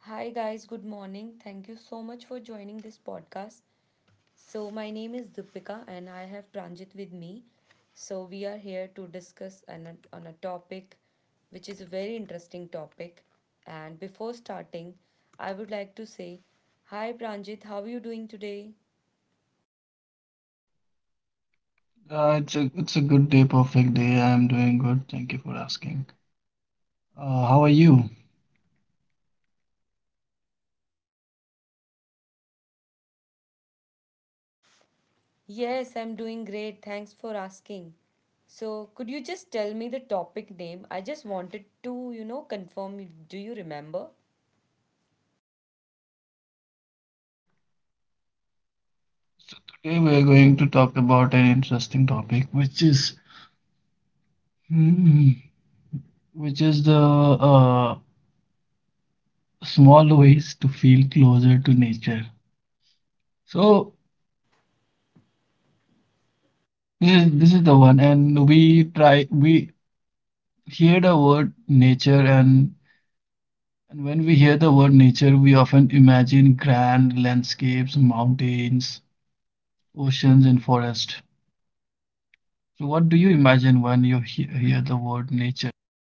Hi, guys, good morning. Thank you so much for joining this podcast. So, my name is Dipika and I have Pranjit with me. So, we are here to discuss on a topic which is a very interesting topic. And before starting, I would like to say, Hi, Pranjit, how are you doing today? It's a good day, perfect day. I am doing good. Thank you for asking. How are you? Yes, I'm doing great. Thanks for asking. So, could you just tell me the topic name? I just wanted to, you know, confirm. Do you remember? Today we are going to talk about an interesting topic, which is hmm, which is the small ways to feel closer to nature. So this is the one, and we hear the word nature, and when we hear the word nature, we often imagine grand landscapes, mountains, oceans, and forest. So what do you imagine when you hear the word nature?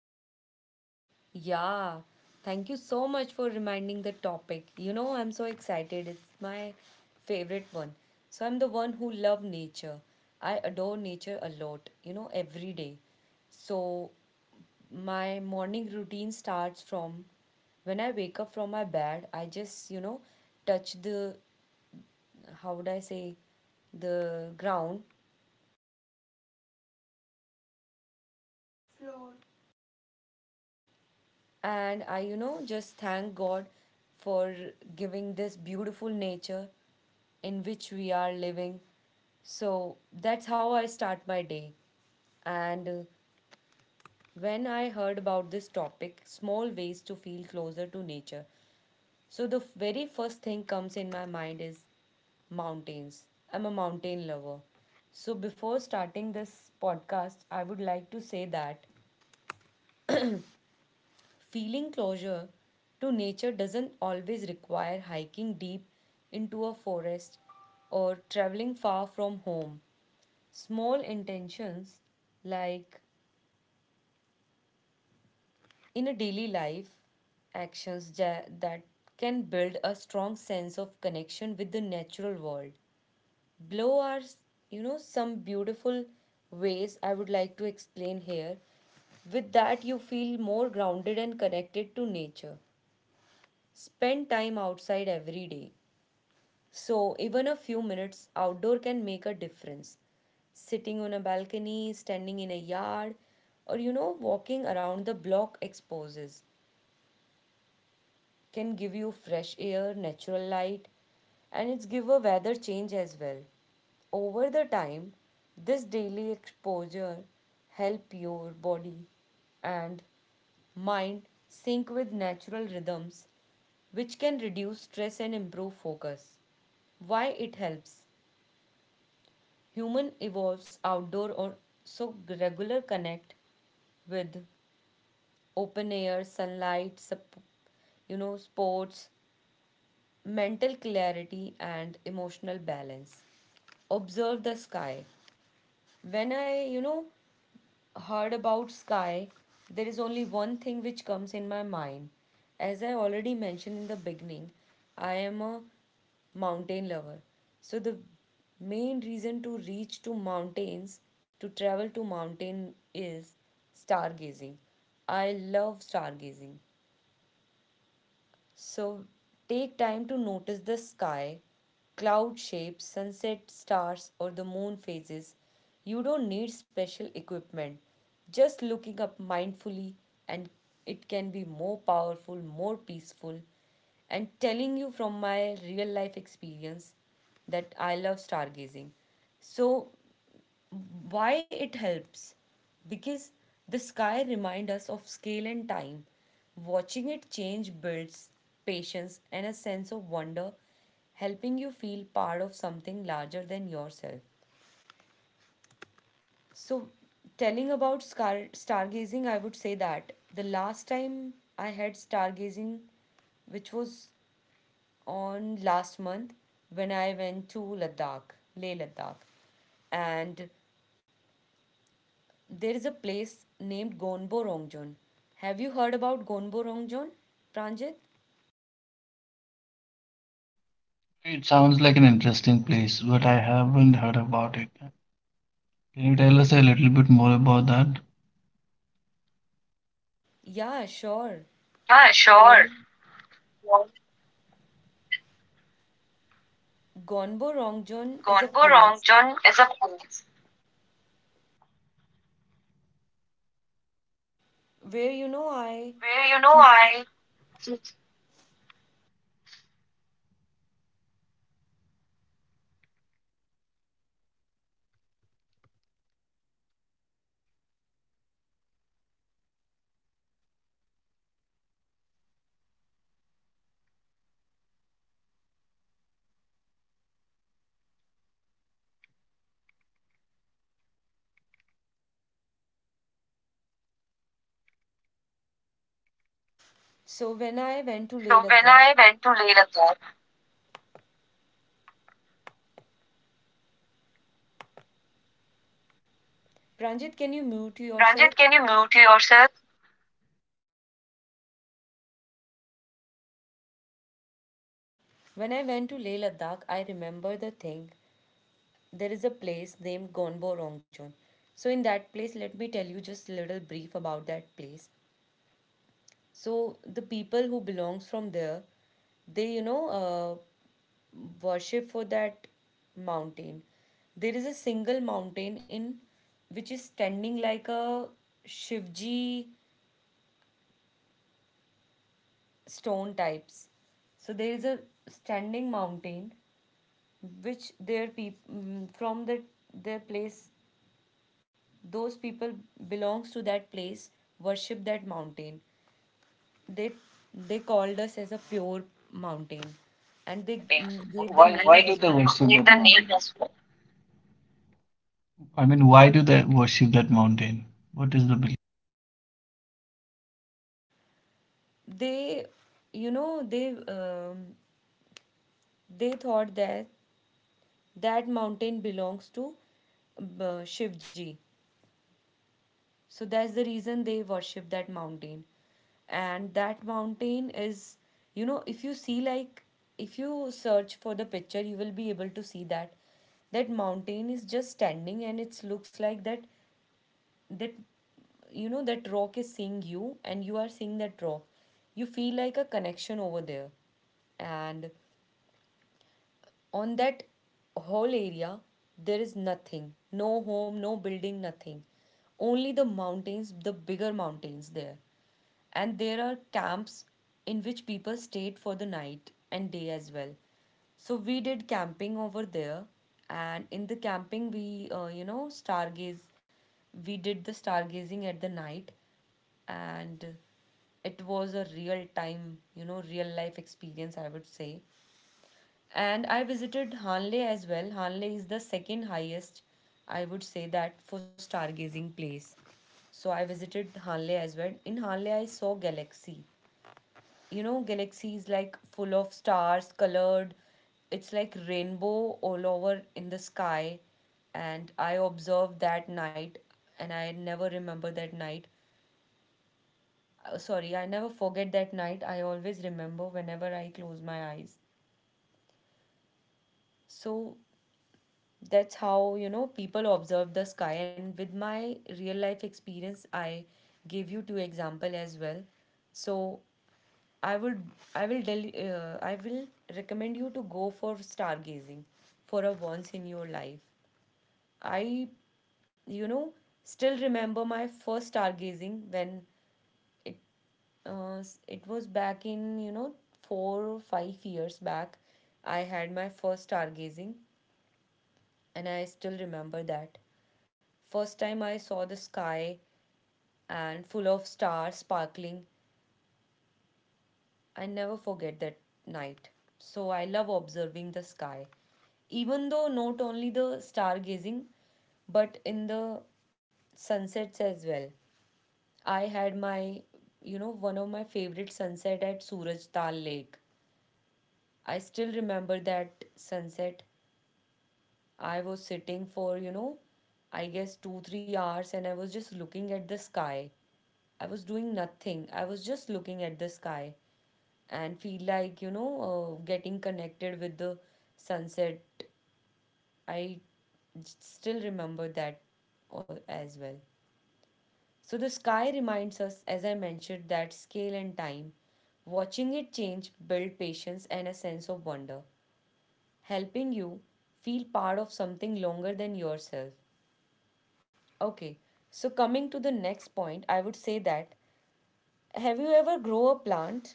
Yeah, thank you so much for reminding the topic. You know, I'm so excited. It's my favorite one. So I'm the one who love nature. I adore nature a lot, you know, every day. So my morning routine starts from when I wake up from my bed, I just, you know, touch the, how would I say, the ground. And I, you know, just thank God for giving this beautiful nature in which we are living. So that's how I start my day. And when I heard about this topic, small ways to feel closer to nature. So the very first thing comes in my mind is mountains. I'm a mountain lover. So before starting this podcast, I would like to say that feeling closure to nature doesn't always require hiking deep into a forest or traveling far from home. Small intentions, like in a daily life, that can build a strong sense of connection with the natural world. Below are, you know, some beautiful ways I would like to explain here. With that, you feel more grounded and connected to nature. Spend time outside every day. So, even a few minutes outdoor can make a difference. Sitting on a balcony, standing in a yard, or you know, walking around the block exposes can give you fresh air, natural light, and it's give a weather change as well. Over the time, this daily exposure help your body and mind sync with natural rhythms which can reduce stress and improve focus. Why it helps? Human evolves outdoor or so regular connect with open air, sunlight, you know, sports, mental clarity and emotional balance. Observe the sky. When I, you know, heard about sky, there is only one thing which comes in my mind. As I already mentioned in the beginning, I am a mountain lover. So the main reason to reach to mountains, to travel to mountain is stargazing. I love stargazing. So take time to notice the sky, cloud shapes, sunset, stars, or the moon phases. You don't need special equipment. Just looking up mindfully, and it can be more powerful, more peaceful. And telling you from my real life experience that I love stargazing. So why it helps? Because the sky reminds us of scale and time. Watching it change builds patience and a sense of wonder, helping you feel part of something larger than yourself. So telling about stargazing, I would say that the last time I had stargazing, which was on last month, when I went to ladakh Leh Ladakh, and there is a place named Gonborongjon. Have you heard about Gonborongjon, Pranjit? It sounds like an interesting place, but I haven't heard about it. Can you tell us a little bit more about that? Yeah, sure. Yeah, sure. Well, Gonborongjon is a Gonbo place Rongjon is a place where, you know, I. where you know I. So So when I went to Leh when Ladakh, I went to Leh, the Pranjit, can you mute Ranjit, yourself? can you mute yourself? When I went to Leh Ladakh, I remember the thing. There is a place named Gonborongjon. So in that place, let me tell you just a little brief about that place. So the people who belongs from there, they you know worship for that mountain. There is a single mountain in which is standing like a Shivji stone types. So there is a standing mountain which their people from the, their place, those people belongs to that place worship that mountain. They they called us as a pure mountain, Good and they landing. Gave the Why name do as they well. worship Need that the mountain? Name as well. I mean, why do they worship that mountain? What is the belief? They you know they thought that that mountain belongs to Shivji. So that's the reason they worship that mountain. And that mountain is, you know, if you see like, if you search for the picture, you will be able to see that that mountain is just standing and it looks like that, that you know, that rock is seeing you and you are seeing that rock, you feel like a connection over there. And on that whole area there is nothing, no home, no building, nothing, only the mountains, the bigger mountains there. And there are camps in which people stayed for the night and day as well. So we did camping over there, and in the camping we you know stargaze, we did the stargazing at the night. And it was a real time, you know, real life experience, I would say. And I visited Hanle as well. Hanle is the second highest, I would say that, for stargazing place. So I visited Hanle as well. In Hanle, I saw galaxy. You know, galaxy is like full of stars, colored. It's like rainbow all over in the sky. And I observed that night, and I never remember that night. Sorry, I never forget that night. I always remember whenever I close my eyes. So that's how you know people observe the sky, and with my real life experience I gave you two example as well. So I would, I will recommend you to go for stargazing for a once in your life. I, you know, still remember my first stargazing when it, it was back in, you know, 4 or 5 years back I had my first stargazing, and I still remember that. First time I saw the sky and full of stars sparkling, I never forget that night. So I love observing the sky. Even though not only the stargazing, but in the sunsets as well. I had my, you know, one of my favorite sunset at Suraj Tal Lake. I still remember that sunset. I was sitting for, you know, I guess two, 3 hours and I was just looking at the sky. I was doing nothing. I was just looking at the sky and feel like, you know, getting connected with the sunset. I still remember that as well. So the sky reminds us, as I mentioned, that scale and time. Watching it change build patience and a sense of wonder, helping you feel part of something longer than yourself. Okay, so coming to the next point, I would say that have you ever grow a plant?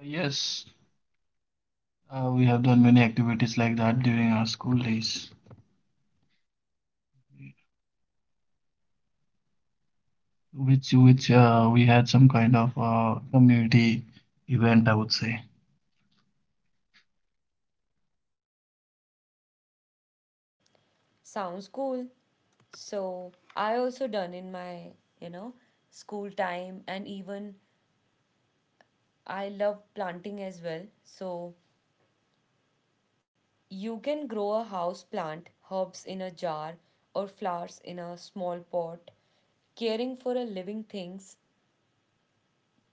Yes, we have done many activities like that during our school days, which we had some kind of community event, I would say. Sounds cool. So I also done in my, you know, school time and even I love planting as well. So you can grow a house plant, herbs in a jar or flowers in a small pot. Caring for a living things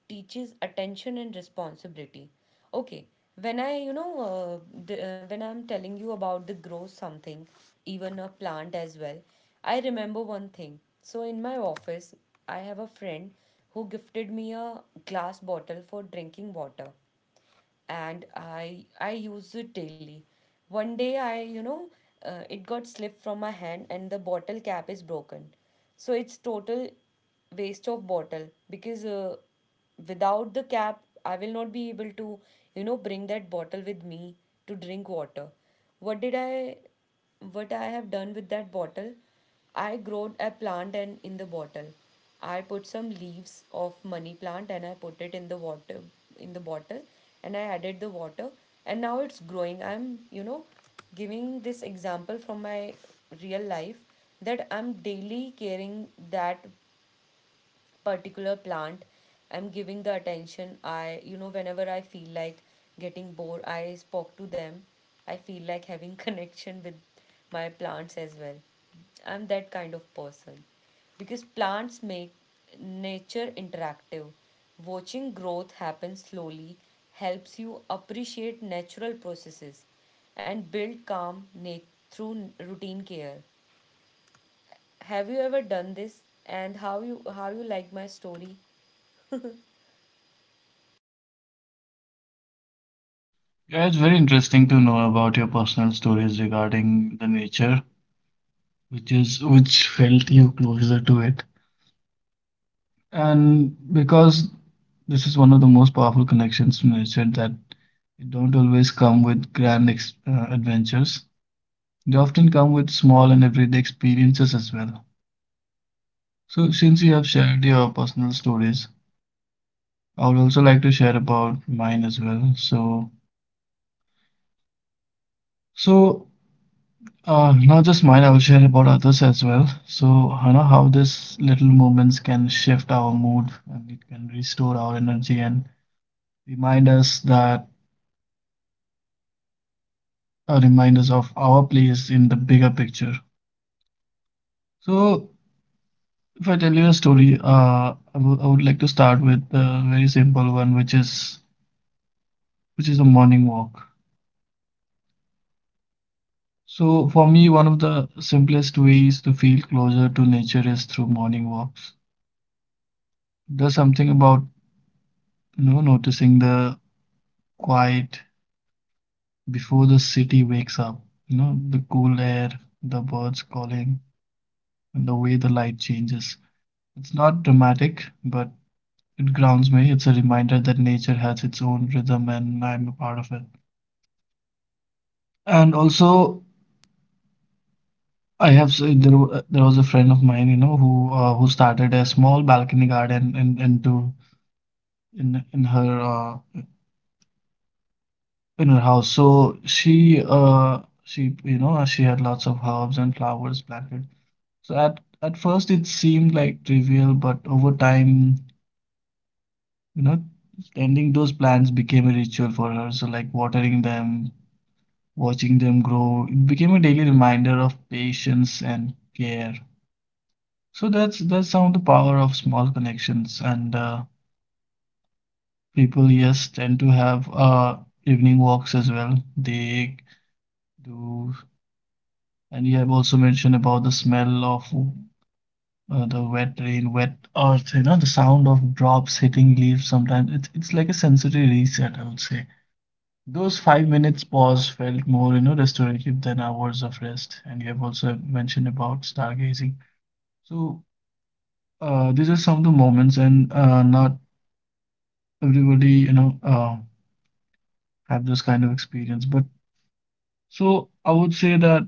teaches attention and responsibility. Okay, when I, you know, when I'm telling you about the grow something, even a plant as well, I remember one thing. So in my office I have a friend who gifted me a glass bottle for drinking water, and I use it daily. One day I, you know, it got slipped from my hand and the bottle cap is broken. So it's total waste of bottle because, without the cap I will not be able to, you know, bring that bottle with me to drink water. What did I what I have done with that bottle? I growed a plant and in the bottle. I put some leaves of money plant and I put it in the water in the bottle, and I added the water, and now it's growing. I'm, you know, giving this example from my real life that I'm daily caring that particular plant. I'm giving the attention. I, you know, whenever I feel like getting bored, I spoke to them. I feel like having connection with my plants as well. I'm that kind of person, because plants make nature interactive. Watching growth happen slowly helps you appreciate natural processes and build calm through routine care. Have you ever done this, and how you, how you like my story? Yeah, it's very interesting to know about your personal stories regarding the nature, which felt you closer to it, and because this is one of the most powerful connections to nature that it don't always come with grand adventures. They often come with small and everyday experiences as well. So, since you have shared your personal stories, I would also like to share about mine as well. So, so not just mine, I will share about others as well. So, you know how these little moments can shift our mood and it can restore our energy and remind us that remind us of our place in the bigger picture. So, if I tell you a story, I would like to start with a very simple one, which is a morning walk. So for me, one of the simplest ways to feel closer to nature is through morning walks. There's something about, you know, noticing the quiet before the city wakes up, you know, the cool air, the birds calling, and the way the light changes. It's not dramatic, but it grounds me. It's a reminder that nature has its own rhythm and I'm a part of it. And also, I have s- there, wa- there was a friend of mine, you know, who started a small balcony garden into in in her uh, in her house. So she you know she had lots of herbs and flowers planted. So at first it seemed like trivial, but over time, you know, tending those plants became a ritual for her. So like watering them, watching them grow, it became a daily reminder of patience and care. So that's some of the power of small connections and people yes tend to have evening walks as well. They do. And you have also mentioned about the smell of the wet earth, you know, the sound of drops hitting leaves sometimes. It's like a sensory reset, I would say. Those 5 minutes pause felt more, you know, restorative than hours of rest. And you have also mentioned about stargazing. So these are some of the moments, and not everybody, have this kind of experience. But so I would say that,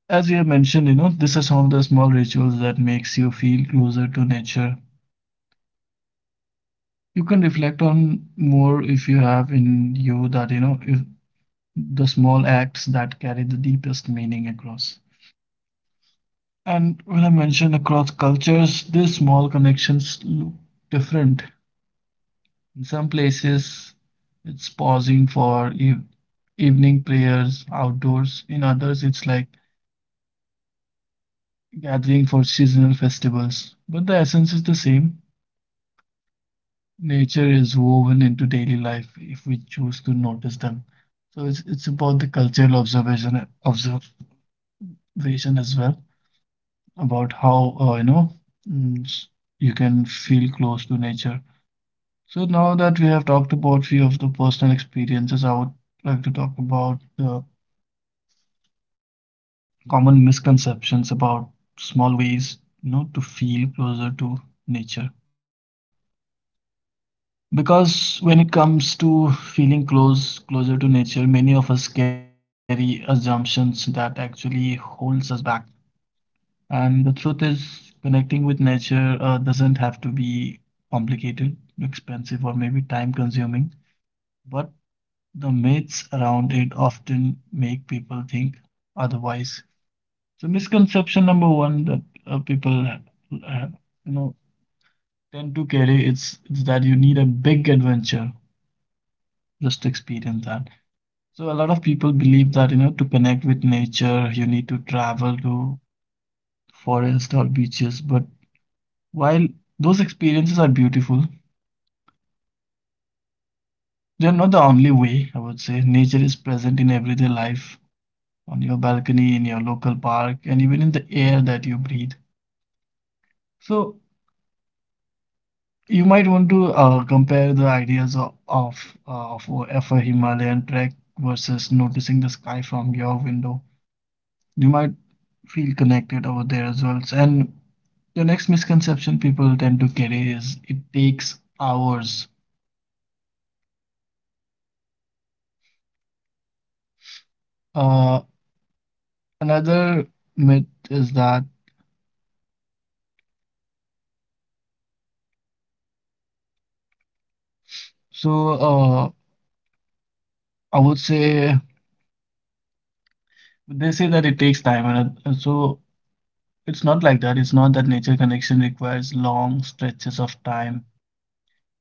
as you have mentioned, you know, these are some of the small rituals that makes you feel closer to nature. You can reflect on more if you have in you that, you know, if the small acts that carry the deepest meaning across. And when I mention across cultures, these small connections look different. In some places, it's pausing for evening prayers outdoors. In others, it's like gathering for seasonal festivals. But the essence is the same. Nature is woven into daily life if we choose to notice them. So it's about the cultural observation as well about how you know mm, s- you can feel close to nature. So now that we have talked about few of the personal experiences, I would like to talk about the common misconceptions about small ways you know to feel closer to nature. Because when it comes to closer to nature, many of us carry assumptions that actually holds us back. And the truth is, connecting with nature doesn't have to be complicated, expensive, or maybe time-consuming. But the myths around it often make people think otherwise. So misconception number one that uh, people, uh, you know, tend to carry it's that you need a big adventure just experience that. So a lot of people believe that, you know, to connect with nature, you need to travel to forest or beaches. But while those experiences are beautiful, they're not the only way, I would say. Nature is present in everyday life, on your balcony, in your local park, and even in the air that you breathe. So you might want to compare the ideas of a Himalayan trek versus noticing the sky from your window. You might feel connected over there as well. And the next misconception people tend to carry is it takes hours. Uh, another myth is that so uh, I would say they say that it takes time, and so it's not like that. It's not that nature connection requires long stretches of time.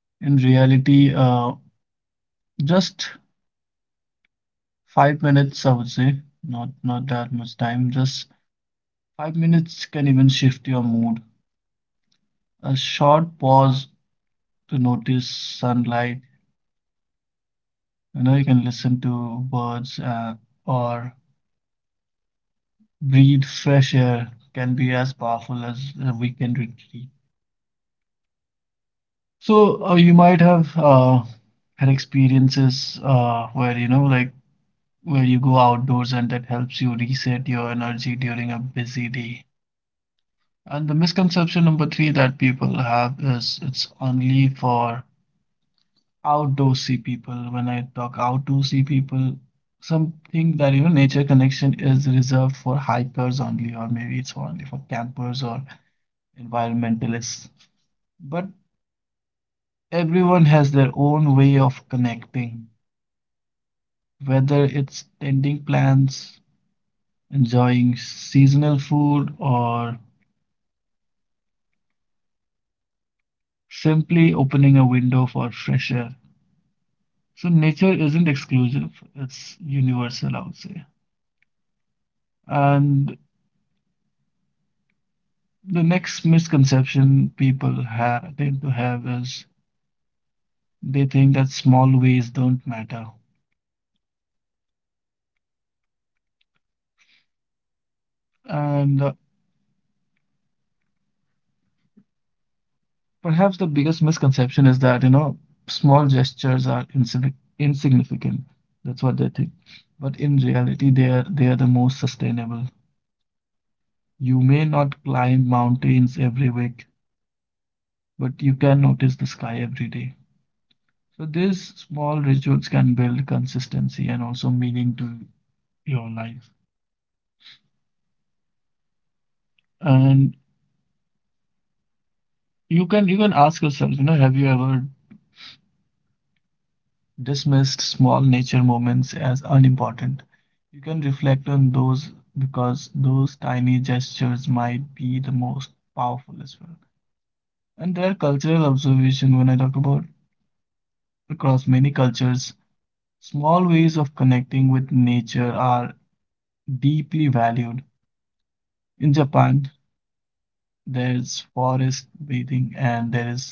In reality, just 5 minutes, I would say, not that much time. Just 5 minutes can even shift your mood. A short pause to notice sunlight. You know, you can listen to birds or breathe fresh air can be as powerful as a weekend retreat. So you might have had experiences where you know, like where you go outdoors and that helps you reset your energy during a busy day. And the misconception number three that people have is it's only for outdoorsy people. When I talk outdoorsy people, something that you know nature connection is reserved for hikers only, or maybe it's only for campers or environmentalists, but everyone has their own way of connecting, whether it's tending plants, enjoying seasonal food, or simply opening a window for fresh air. So nature isn't exclusive, it's universal, I would say. And the next misconception people ha tend to have is they think that small ways don't matter. And perhaps the biggest misconception is that, you know, small gestures are insignificant. That's what they think. But in reality, they are the most sustainable. You may not climb mountains every week, but you can notice the sky every day. So these small rituals can build consistency and also meaning to your life. And you can ask yourself, you know, have you ever dismissed small nature moments as unimportant? You can reflect on those because those tiny gestures might be the most powerful as well. And their cultural observation, when I talk about across many cultures, small ways of connecting with nature are deeply valued. In Japan, there's forest bathing and there is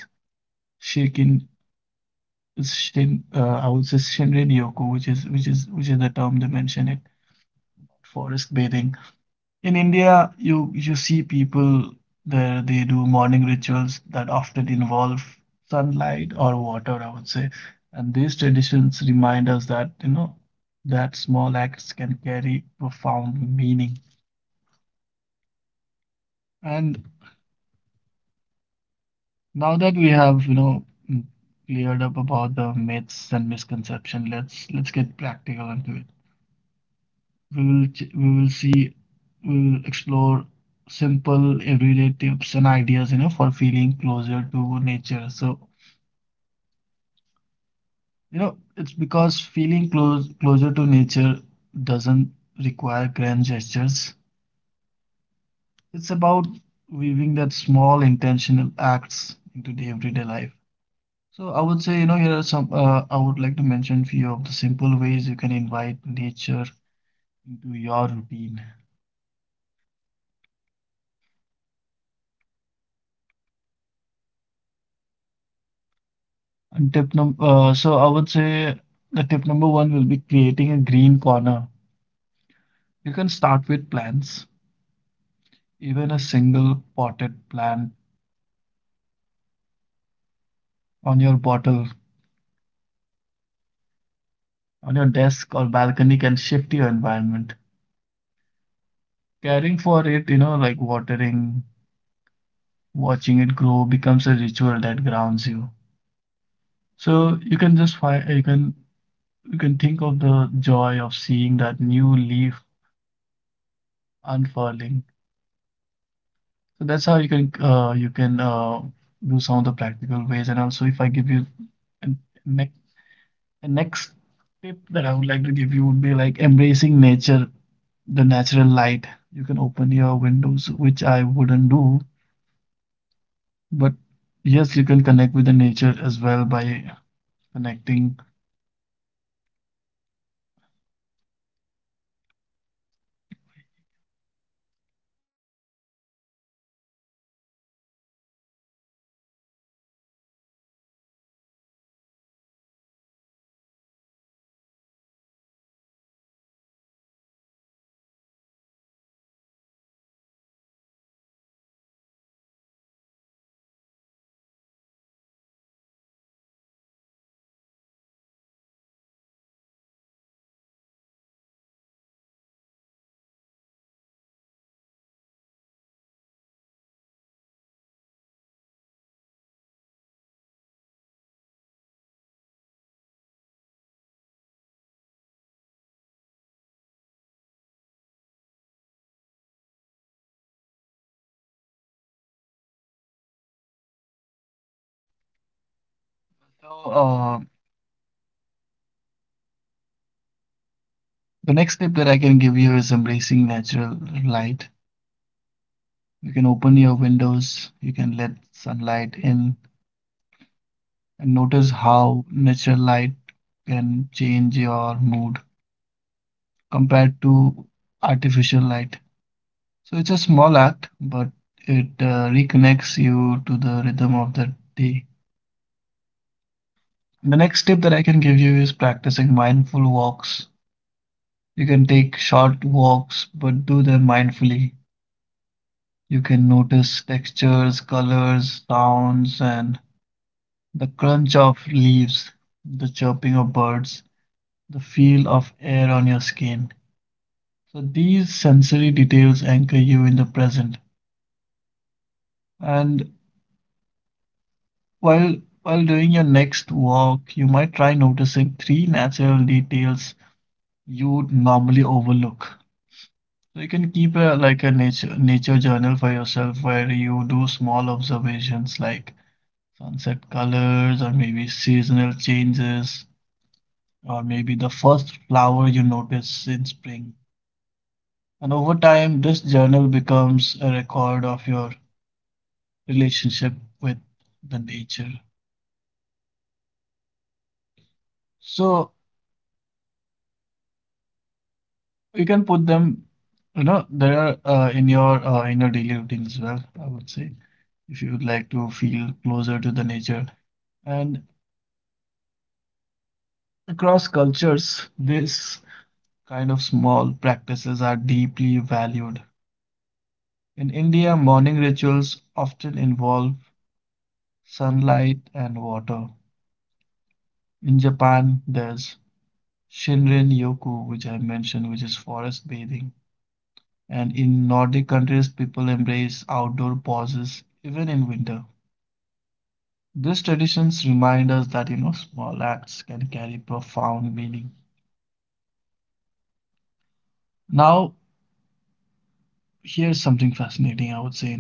shakin I would say Shinrin Yoku, which is the term they mention it, forest bathing. In India, you see people there they do morning rituals that often involve sunlight or water, I would say. And these traditions remind us that, you know, that small acts can carry profound meaning. And now that we have, you know, mm, cleared up about the myths and misconception, let's get practical into it. We will we will see we will explore simple everyday tips and ideas you know for feeling closer to nature. So you know it's because feeling close closer to nature doesn't require grand gestures. It's about weaving that small intentional acts into the everyday life. So I would say you know here are some, I would like to mention few of the simple ways you can invite nature into your routine. And tip num so I would say the tip number one will be creating a green corner. You can start with plants, even a single potted plant on your bottle, on your desk or balcony can shift your environment. Caring for it, you know, like watering, watching it grow becomes a ritual that grounds you. So you can just find, you can think of the joy of seeing that new leaf unfurling. So that's how you can do some of the practical ways. And also, if I give you an, ne a next tip that I would like to give you would be like embracing nature, the natural light. You can open your windows, which I wouldn't do, but yes, you can connect with the nature as well by connecting. So, the next tip that I can give you is embracing natural light. You can open your windows, you can let sunlight in, and notice how natural light can change your mood compared to artificial light. So it's a small act, but it reconnects you to the rhythm of the day. The next tip that I can give you is practicing mindful walks. You can take short walks, but do them mindfully. You can notice textures, colors, sounds, and the crunch of leaves, the chirping of birds, the feel of air on your skin. So these sensory details anchor you in the present. And while while doing your next walk, you might try noticing three natural details you would normally overlook. So you can keep a like a nature journal for yourself where you do small observations like sunset colors or maybe seasonal changes or maybe the first flower you notice in spring. And over time, this journal becomes a record of your relationship with the nature. So you can put them, there are in your daily routine as well, I would say, if you would like to feel closer to the nature. And across cultures, this kind of small practices are deeply valued. In India, morning rituals often involve sunlight and water. In Japan, there's Shinrin Yoku, which I mentioned, which is forest bathing. And in Nordic countries, people embrace outdoor pauses even in winter. These traditions remind us that small acts can carry profound meaning. Now, here's something fascinating, I would say. You know,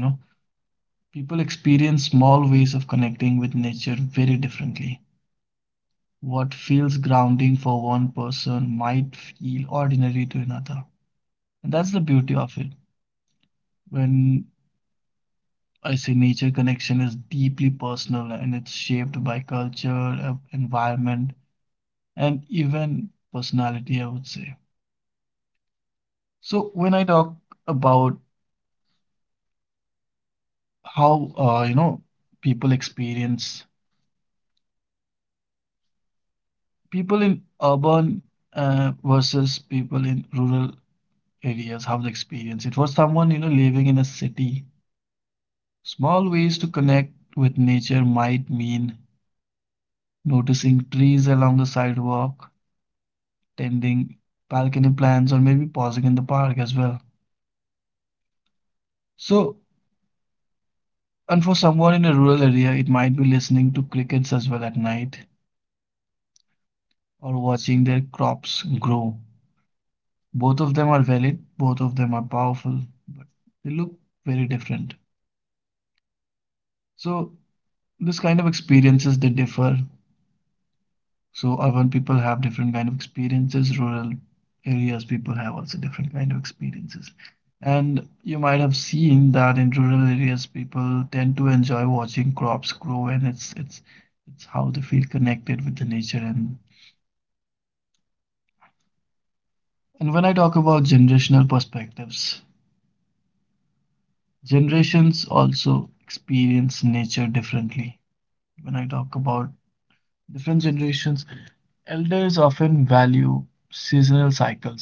people experience small ways of connecting with nature very differently. What feels grounding for one person might feel ordinary to another, and that's the beauty of it. When I say nature connection is deeply personal and it's shaped by culture, environment, and even personality, I would say. So when I talk about how people experience people in urban versus people in rural areas, how they experience it, for someone living in a city, small ways to connect with nature might mean noticing trees along the sidewalk, tending balcony plants, or maybe pausing in the park as well. So, and for someone in a rural area, it might be listening to crickets as well at night, or watching their crops grow. Both of them are valid, both of them are powerful, but they look very different. So this kind of experiences, they differ. So urban people have different kind of experiences, rural areas people have also different kind of experiences. And you might have seen that in rural areas people tend to enjoy watching crops grow, and it's how they feel connected with the nature. And when I talk about generational perspectives, generations also experience nature differently. When I talk about different generations, elders often value seasonal cycles,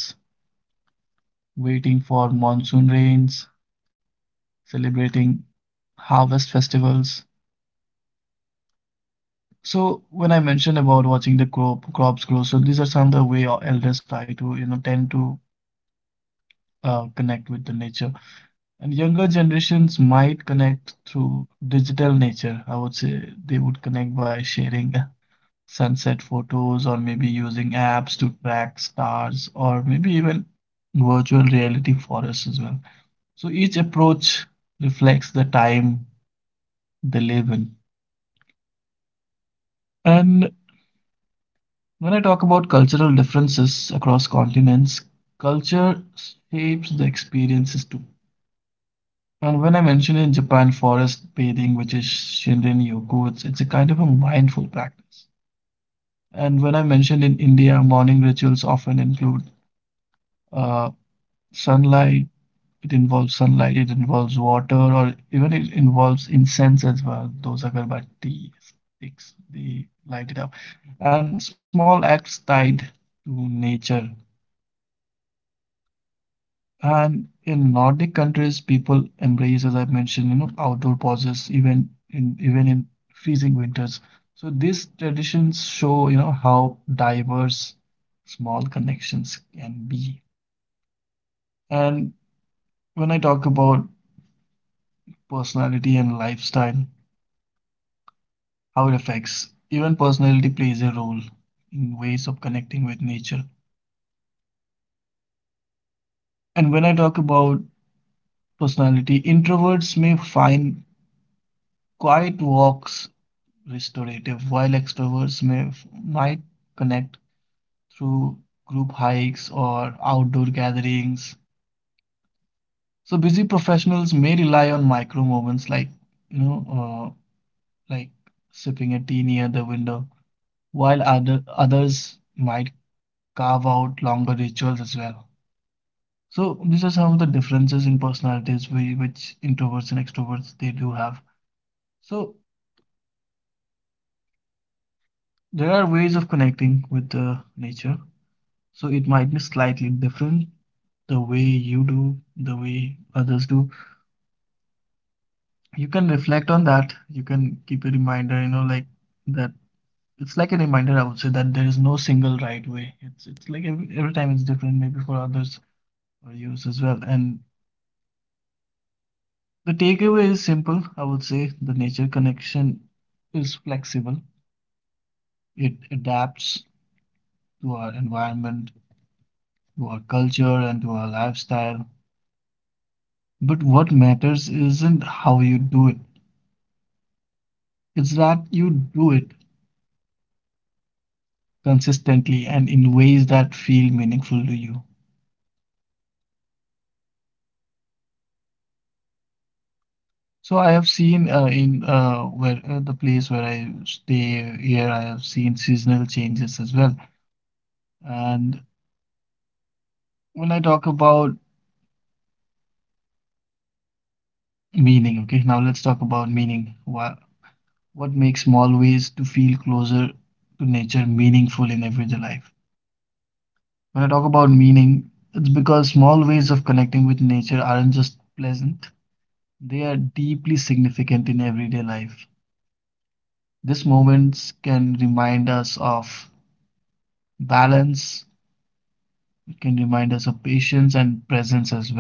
waiting for monsoon rains, celebrating harvest festivals. So when I mentioned about watching the crops grow, so these are some of the way our elders try to tend to connect with the nature. And younger generations might connect through digital nature, I would say. They would connect by sharing sunset photos or maybe using apps to track stars or maybe even virtual reality forests as well. So each approach reflects the time they live in. And when I talk about cultural differences across continents, culture shapes the experiences too. And when I mention in Japan forest bathing, which is Shinrin Yoku, it's a kind of a mindful practice. And when I mentioned in India, morning rituals often include uh, sunlight. It involves sunlight, it involves water, or even it involves incense as well. Those agarbatti sticks, they light it up. And small acts tied to nature. And in Nordic countries, people embrace, as I mentioned, outdoor pauses, even in freezing winters. So these traditions show, how diverse small connections can be. And when I talk about personality and lifestyle, how it affects. Even personality plays a role in ways of connecting with nature. And when I talk about personality, introverts may find quiet walks restorative, while extroverts may might connect through group hikes or outdoor gatherings. So busy professionals may rely on micro moments you know uh, like sipping a tea near the window, while others might carve out longer rituals as well. So these are some of the differences in personalities which introverts and extroverts they do have. So there are ways of connecting with the nature. So it might be slightly different, the way you do, the way others do. You can reflect on that. You can keep a reminder, like that. It's like a reminder, I would say, that there is no single right way. It's like every time it's different, maybe for others or yours as well. And the takeaway is simple, I would say. The nature connection is flexible, it adapts to our environment, to our culture, and to our lifestyle. But what matters isn't how you do it, it's that you do it consistently and in ways that feel meaningful to you. So I have seen, in where the place where I stay here, I have seen seasonal changes as well. And when I talk about meaning, okay, now let's talk about meaning. What makes small ways to feel closer to nature meaningful in everyday life? When I talk about meaning, it's because small ways of connecting with nature aren't just pleasant, they are deeply significant in everyday life. These moments can remind us of balance, it can remind us of patience and presence as well.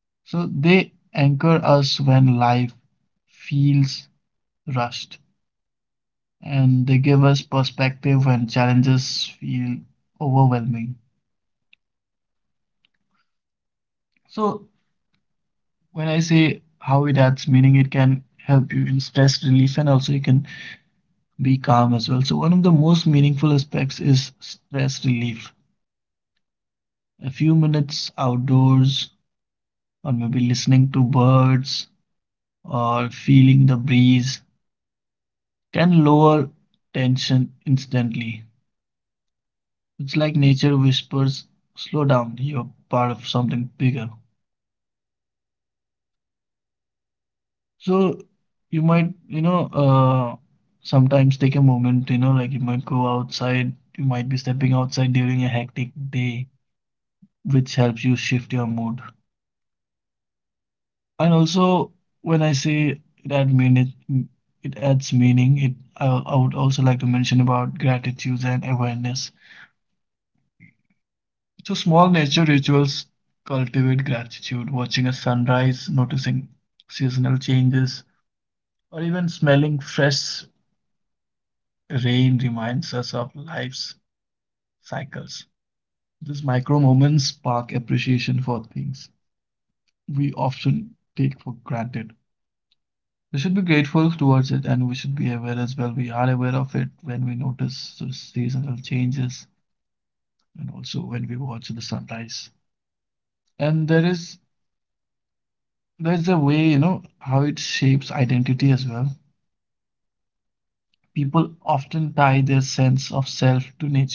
So they anchor us when life feels rushed, and they give us perspective when challenges feel overwhelming. So when I say how it adds meaning, it can help you in stress relief and also you can be calm as well. So, one of the most meaningful aspects is stress relief. A few minutes outdoors, or maybe listening to birds, or feeling the breeze can lower tension instantly. It's like nature whispers, slow down, you're part of something bigger. So you might, sometimes take a moment, like you might go outside, you might be stepping outside during a hectic day, which helps you shift your mood. And also, when I say it adds meaning, it I would also like to mention about gratitude and awareness. So small nature rituals cultivate gratitude, watching a sunrise, noticing seasonal changes, or even smelling fresh rain reminds us of life's cycles. These micro moments spark appreciation for things we often take for granted. We should be grateful towards it and we should be aware as well. We are aware of it when we notice the seasonal changes and also when we watch the sunrise. And there's a way, how it shapes identity as well. People often tie their sense of self to nature,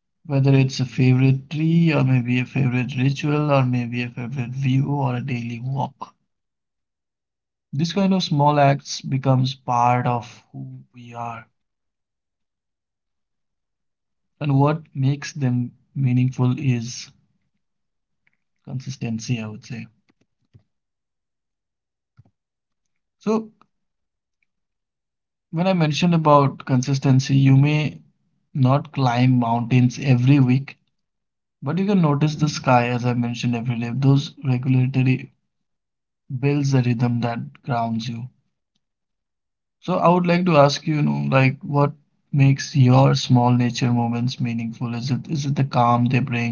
whether it's a favorite tree or maybe a favorite ritual or maybe a favorite view or a daily walk. This kind of small acts becomes part of who we are. And what makes them meaningful is consistency, I would say. So when I mentioned about consistency, you may not climb mountains every week, but you can notice the sky, as I mentioned, every day. Those regulatory builds a rhythm that grounds you. So I would like to ask you, like what makes your small nature moments meaningful? Is it the calm they bring?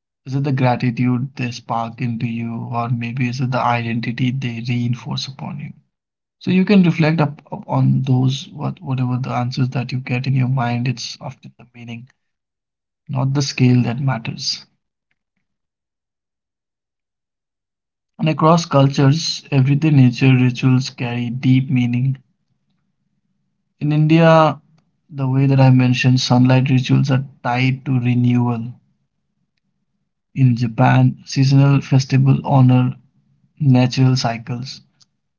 Is it the gratitude they spark into you, or maybe is it the identity they reinforce upon you? So you can reflect up on those, whatever the answers that you get in your mind. It's often the meaning, not the scale, that matters. And across cultures, everyday nature rituals carry deep meaning. In India, the way that I mentioned, sunlight rituals are tied to renewal. In Japan, seasonal festival honor natural cycles.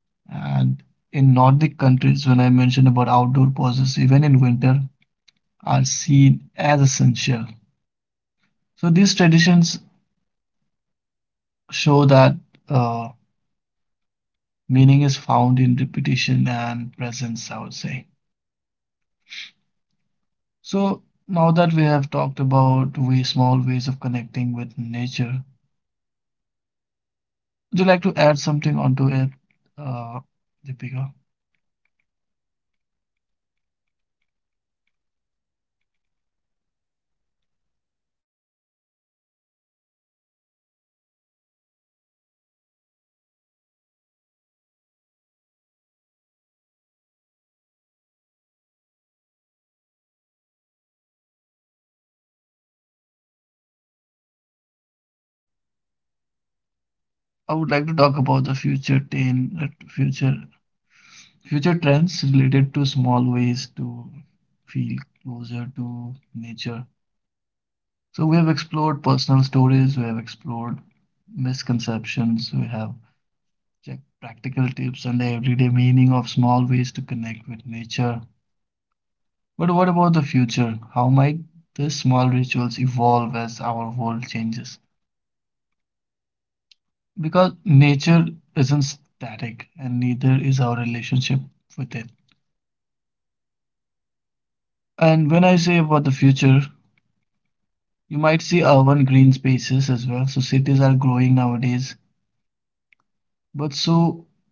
And in Nordic countries, when I mentioned about outdoor pauses, even in winter, are seen as essential. So these traditions show that uh, meaning is found in repetition and presence, I would say. So now that we have talked about way small ways of connecting with nature, would you like to add something onto it, uh, Deepika? I would like to talk about the future ten, future future trends related to small ways to feel closer to nature. So we have explored personal stories, we have explored misconceptions, we have checked practical tips and the everyday meaning of small ways to connect with nature. But what about the future? How might these small rituals evolve as our world changes? Because nature isn't static and neither is our relationship with it. And when I say about the future, you might see urban green spaces as well. So cities are growing nowadays, but so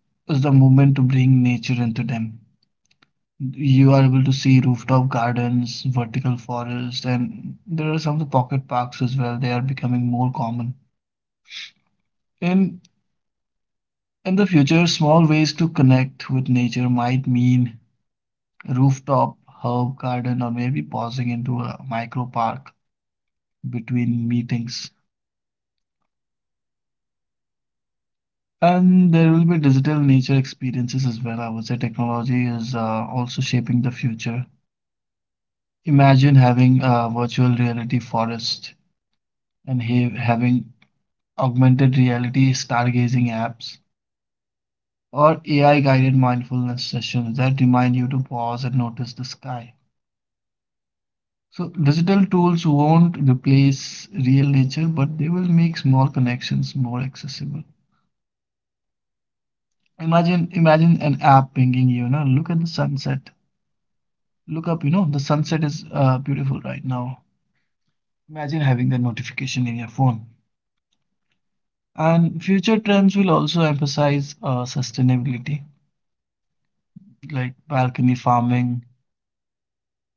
is the movement to bring nature into them. You are able to see rooftop gardens, vertical forests, and there are some pocket parks as well. They are becoming more common. In in the future, small ways to connect with nature might mean rooftop herb garden or maybe pausing into a micro park between meetings. And there will be digital nature experiences as well. I would say technology is also shaping the future. Imagine having a virtual reality forest and having augmented reality stargazing apps or AI guided mindfulness sessions that remind you to pause and notice the sky. So, digital tools won't replace real nature, but they will make small connections more accessible. Imagine an app pinging you, you know, look at the sunset. Look up, you know, the sunset is beautiful right now. Imagine having that notification in your phone. And future trends will also emphasize sustainability, like balcony farming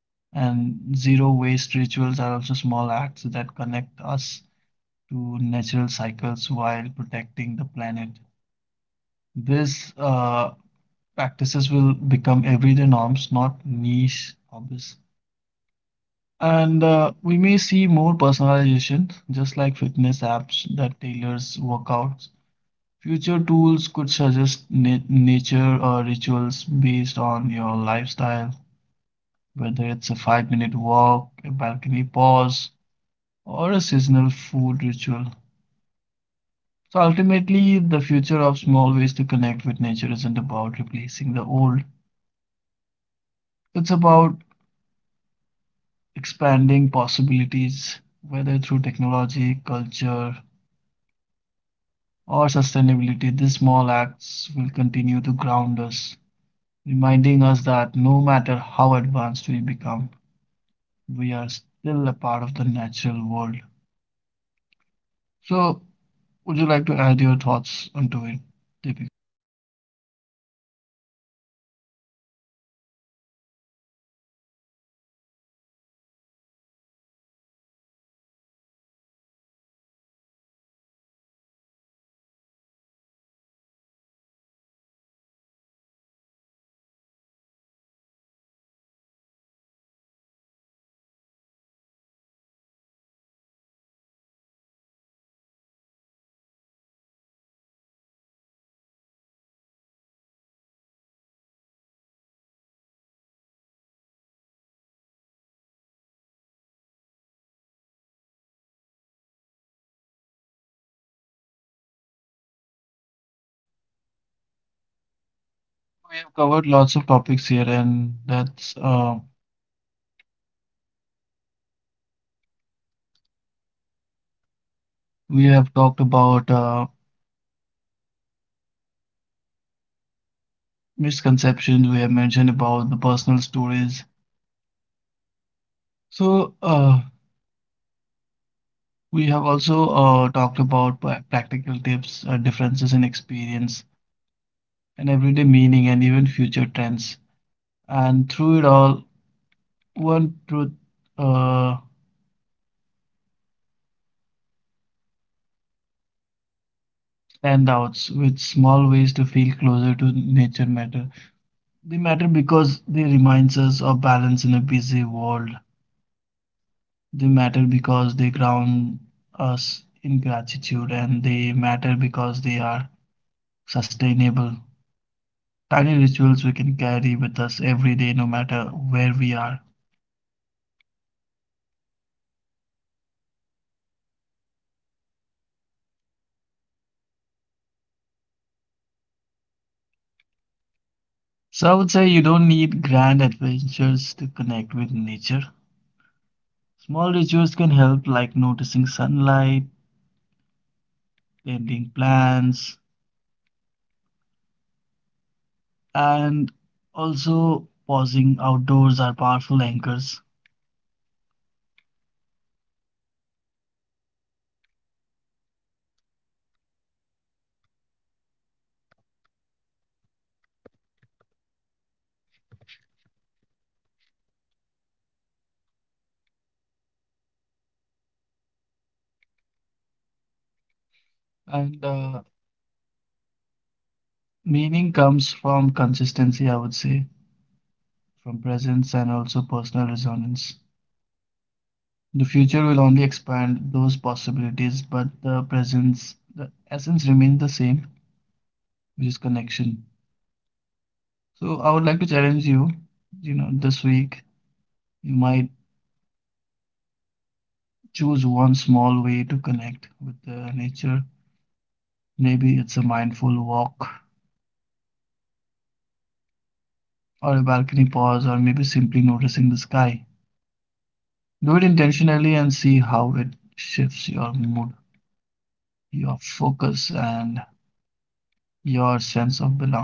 and zero waste rituals are also small acts that connect us to natural cycles while protecting the planet. These practices will become everyday norms, not niche hobbies. And we may see more personalization, just like fitness apps that tailors workouts. Future tools could suggest na nature or rituals based on your lifestyle, whether it's a five-minute walk, a balcony pause, or a seasonal food ritual. So ultimately, the future of small ways to connect with nature isn't about replacing the old. It's about expanding possibilities, whether through technology, culture, or sustainability, these small acts will continue to ground us, reminding us that no matter how advanced we become, we are still a part of the natural world. So, would you like to add your thoughts onto it, Deepika? We have covered lots of topics here, and that's we have talked about misconceptions. We have mentioned about the personal stories. So we have also talked about practical tips, differences in experience, and everyday meaning and even future trends. And through it all, one truth uh, stand out with small ways to feel closer to nature matter. They matter because they reminds us of balance in a busy world. They matter because they ground us in gratitude and they matter because they are sustainable. Tiny rituals we can carry with us every day no matter where we are. So I would say you don't need grand adventures to connect with nature. Small rituals can help, like noticing sunlight, tending plants, and also pausing outdoors are powerful anchors. And meaning comes from consistency, I would say, from presence and also personal resonance. The future will only expand those possibilities, but the presence, the essence remains the same, which is connection. So I would like to challenge you, you know, this week you might choose one small way to connect with the nature. Maybe it's a mindful walk or a balcony pause or maybe simply noticing the sky. Do it intentionally and see how it shifts your mood, your focus and your sense of belonging.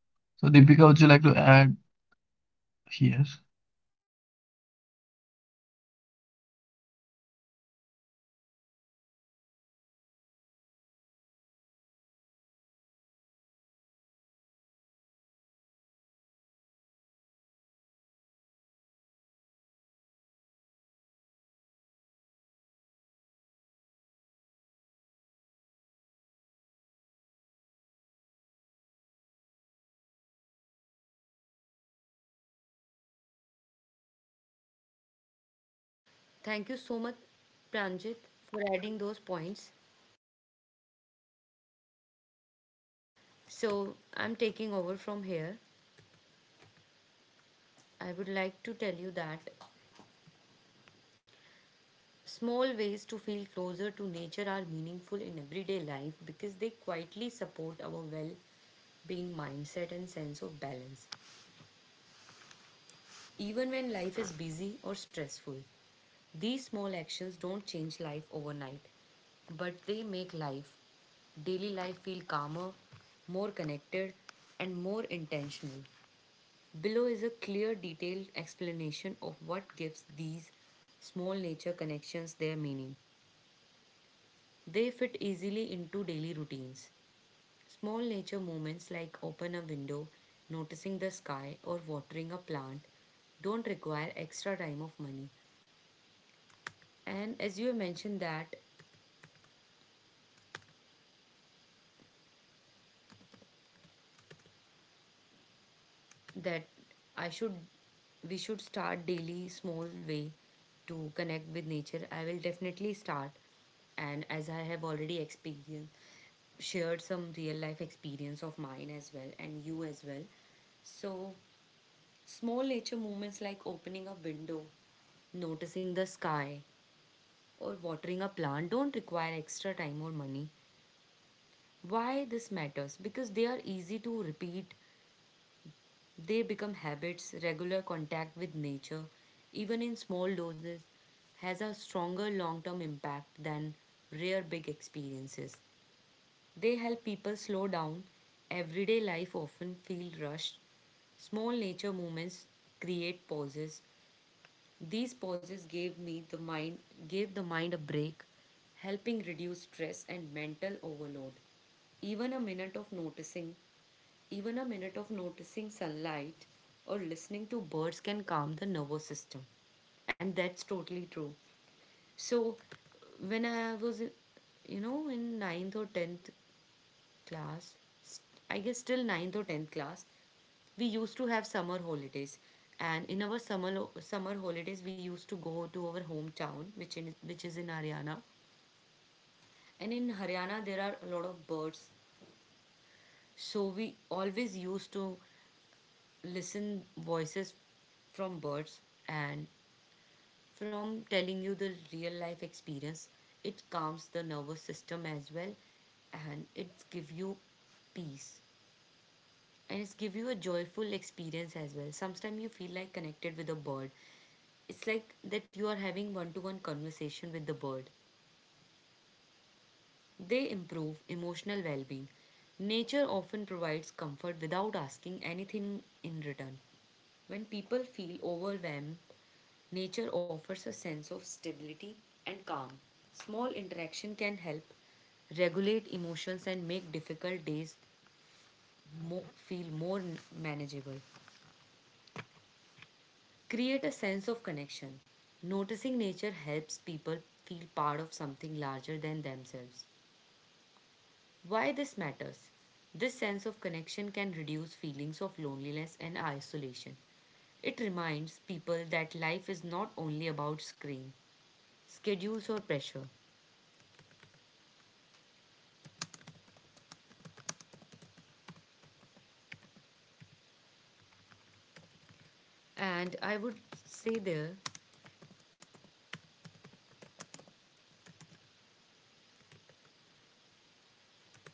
So Deepika, would you like to add here? Thank you so much, Pranjit, for adding those points. So, I'm taking over from here. I would like to tell you that small ways to feel closer to nature are meaningful in everyday life because they quietly support our well being mindset and sense of balance. Even when life is busy or stressful, these small actions don't change life overnight, but they make life, daily life, feel calmer, more connected, and more intentional. Below is a clear, detailed explanation of what gives these small nature connections their meaning. They fit easily into daily routines. Small nature moments like open a window, noticing the sky, or watering a plant don't require extra time of money. And as you have mentioned that that I should, we should start daily small way to connect with nature. I will definitely start, and as I have already experienced, shared some real life experience of mine as well and you as well. So small nature movements like opening a window, noticing the sky or watering a plant don't require extra time or money. Why this matters? Because they are easy to repeat. They become habits. Regular contact with nature, even in small doses, has a stronger long term impact than rare big experiences. They help people slow down. Everyday life often feels rushed. Small nature movements create pauses. These pauses gave me the mind gave the mind a break, helping reduce stress and mental overload. Even a minute of noticing, even a minute of noticing sunlight or listening to birds can calm the nervous system. And that's totally true. So when I was in ninth or 10th class, I guess till ninth or 10th class, we used to have summer holidays. And in our summer holidays, we used to go to our hometown, which is in Haryana. And in Haryana, there are a lot of birds, so we always used to listen voices from birds. And from telling you the real life experience, it calms the nervous system as well, and it gives you peace. And it's give you a joyful experience as well. Sometimes you feel like connected with a bird. It's like that you are having one-to-one conversation with the bird. They improve emotional well-being. Nature often provides comfort without asking anything in return. When people feel overwhelmed, nature offers a sense of stability and calm. Small interaction can help regulate emotions and make difficult days feel more manageable. Create a sense of connection. Noticing nature helps people feel part of something larger than themselves. Why this matters? This sense of connection can reduce feelings of loneliness and isolation. It reminds people that life is not only about screen, schedules, or pressure. And I would say there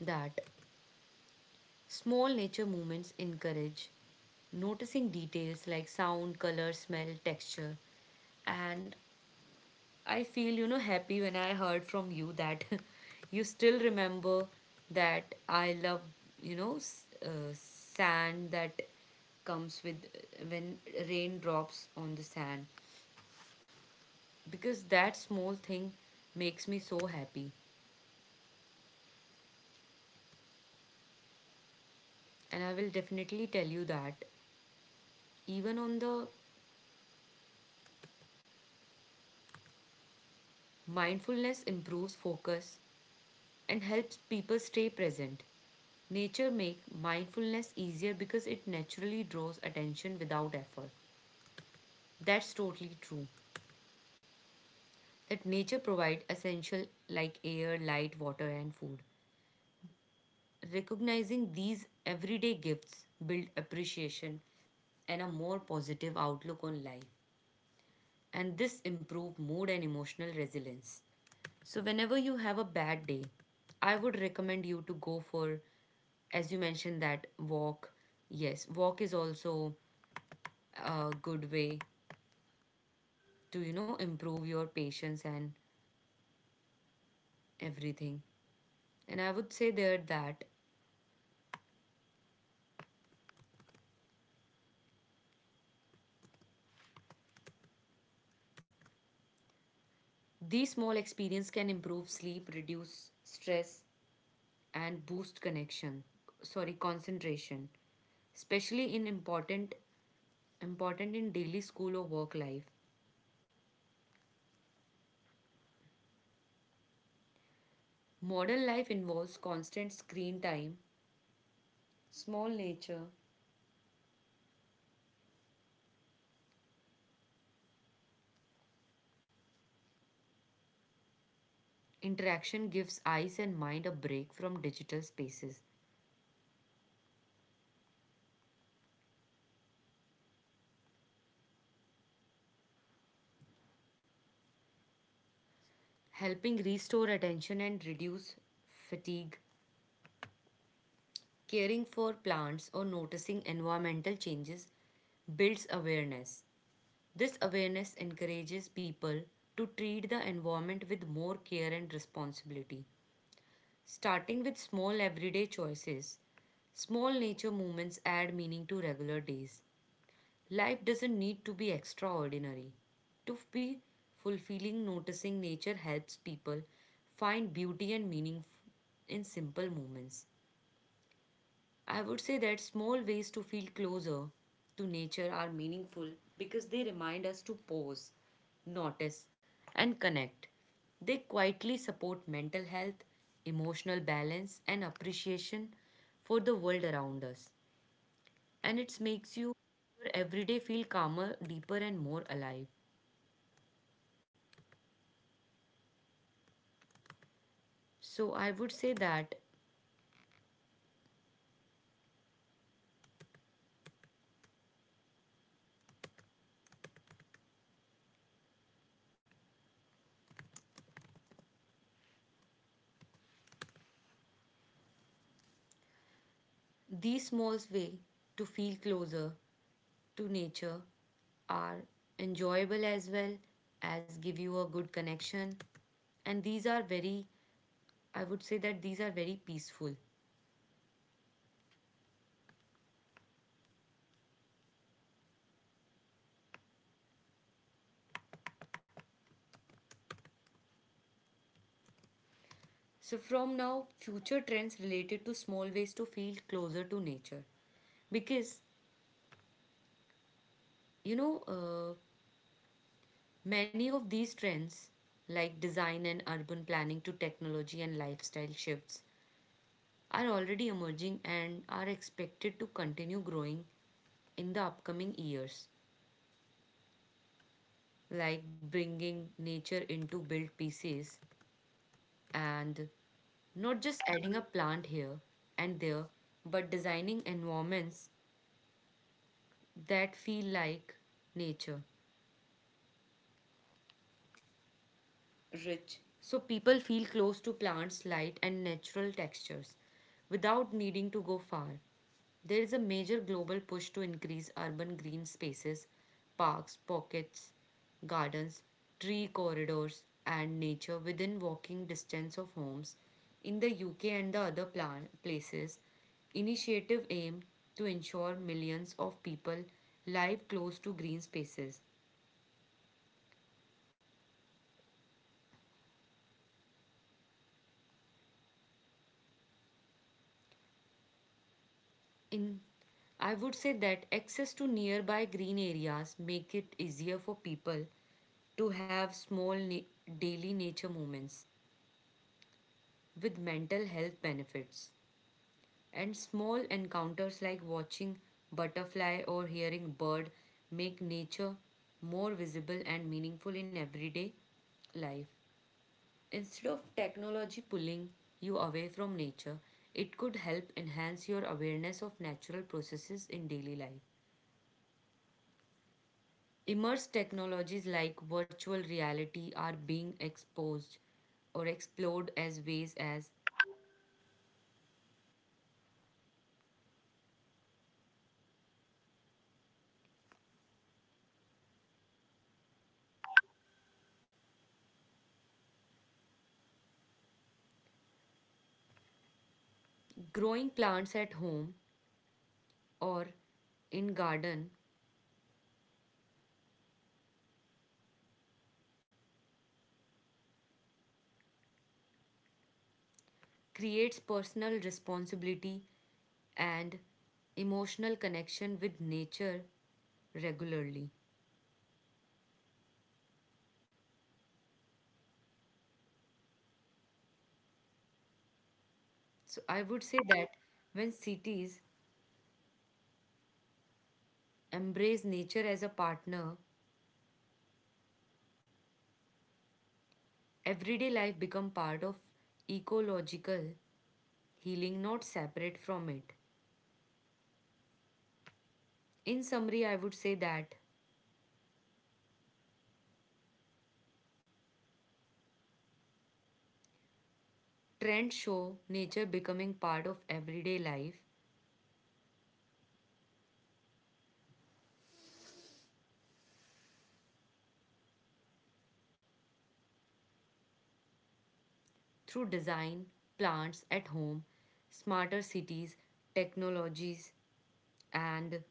that small nature movements encourage noticing details like sound, color, smell, texture, and I feel, happy when I heard from you that you still remember that I love, sand that comes with when rain drops on the sand, because that small thing makes me so happy. And I will definitely tell you that even on the mindfulness improves focus and helps people stay present. Nature make mindfulness easier because it naturally draws attention without effort. That's totally true. That nature provides essential like air, light, water and food. Recognizing these everyday gifts build appreciation and a more positive outlook on life. And this improve mood and emotional resilience. So whenever you have a bad day, I would recommend you to go for, as you mentioned, that walk. Yes, walk is also a good way to, improve your patience and everything. And I would say there that these small experience can improve sleep, reduce stress, and boost connection. Sorry, concentration, especially in important in daily school or work life. Modern life involves constant screen time, small nature. Interaction gives eyes and mind a break from digital spaces, helping restore attention and reduce fatigue. Caring for plants or noticing environmental changes builds awareness. This awareness encourages people to treat the environment with more care and responsibility. Starting with small everyday choices, small nature movements add meaning to regular days. Life doesn't need to be extraordinary. To be fulfilling, noticing nature helps people find beauty and meaning in simple moments. I would say that small ways to feel closer to nature are meaningful because they remind us to pause, notice, and connect. They quietly support mental health, emotional balance, and appreciation for the world around us. And it makes you your everyday feel calmer, deeper, and more alive. So I would say that these small way to feel closer to nature are enjoyable as well as give you a good connection, and these are very, I would say that these are very peaceful. So from now, future trends related to small ways to feel closer to nature, because you know uh, many of these trends, like design and urban planning to technology and lifestyle shifts, are already emerging and are expected to continue growing in the upcoming years, like bringing nature into built pieces, and not just adding a plant here and there, but designing environments that feel like nature. Rich. So people feel close to plants, light, and natural textures without needing to go far. There is a major global push to increase urban green spaces, parks, pockets, gardens, tree corridors, and nature within walking distance of homes. In the UK and the other places, initiative aim to ensure millions of people live close to green spaces. In, I would say that, access to nearby green areas make it easier for people to have daily nature moments with mental health benefits. And small encounters like watching butterfly or hearing bird make nature more visible and meaningful in everyday life. Instead of technology pulling you away from nature, it could help enhance your awareness of natural processes in daily life. Immerse technologies like virtual reality are being exposed or explored as ways as growing plants at home or in garden creates personal responsibility and emotional connection with nature regularly. So I would say that when cities embrace nature as a partner, everyday life become part of ecological healing, not separate from it. In summary, I would say that trends show nature becoming part of everyday life through design, plants at home, smarter cities, technologies, and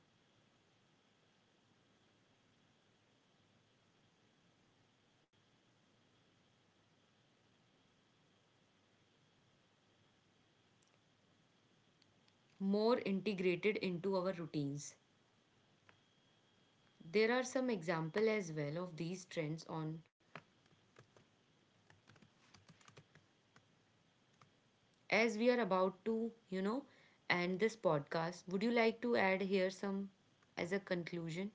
more integrated into our routines. There are some example as well of these trends on, as we are about to, end this podcast. Would you like to add here some as a conclusion?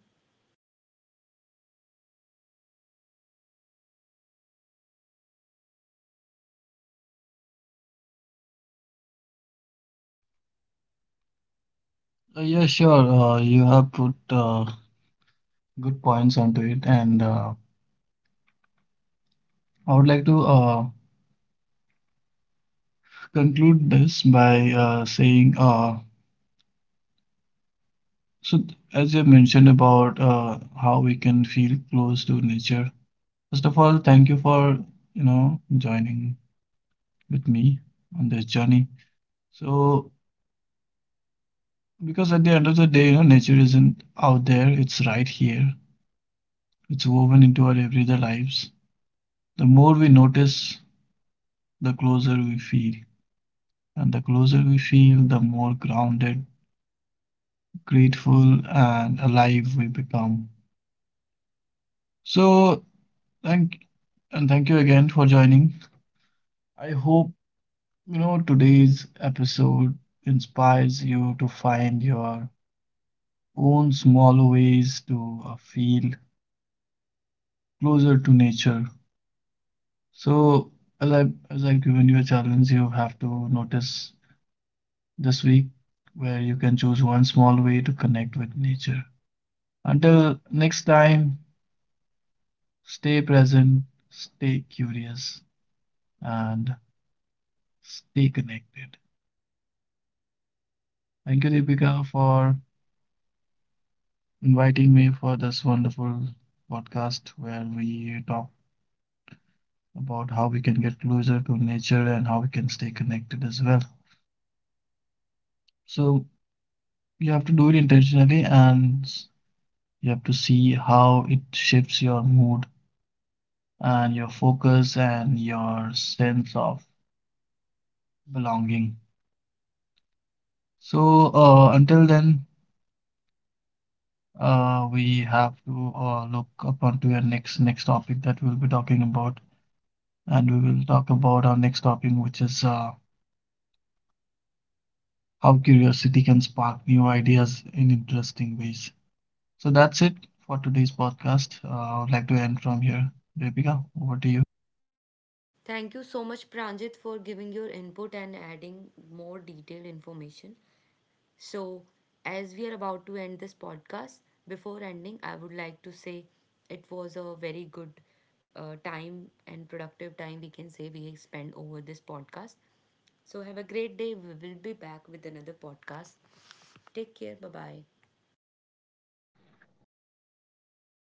Yeah, sure. You have put good points onto it, and I would like to conclude this by saying. Uh, So, as you mentioned about how we can feel close to nature, first of all, thank you for, you know, joining with me on this journey. So, because at the end of the day, you know, nature isn't out there; it's right here. It's woven into our everyday lives. The more we notice, the closer we feel, and the closer we feel, the more grounded, grateful, and alive we become. So, thank thank you again for joining. I hope, you know, today's episode inspires you to find your own small ways to feel closer to nature. So, as I as I've given you a challenge, you have to notice this week where you can choose one small way to connect with nature. Until next time, stay present, stay curious, and stay connected. Thank you, Deepika, for inviting me for this wonderful podcast where we talk about how we can get closer to nature and how we can stay connected as well. So you have to do it intentionally and you have to see how it shifts your mood and your focus and your sense of belonging. So until then, we have to look up onto your next topic that we'll be talking about, and we will talk about our next topic, which is how curiosity can spark new ideas in interesting ways. So that's it for today's podcast. I would like to end from here. Deepika, over to you. Thank you so much, Pranjit, for giving your input and adding more detailed information. So, as we are about to end this podcast, before ending, I would like to say it was a very good time and productive time, we can say, we spent over this podcast. So, have a great day. We will be back with another podcast. Take care. Bye bye.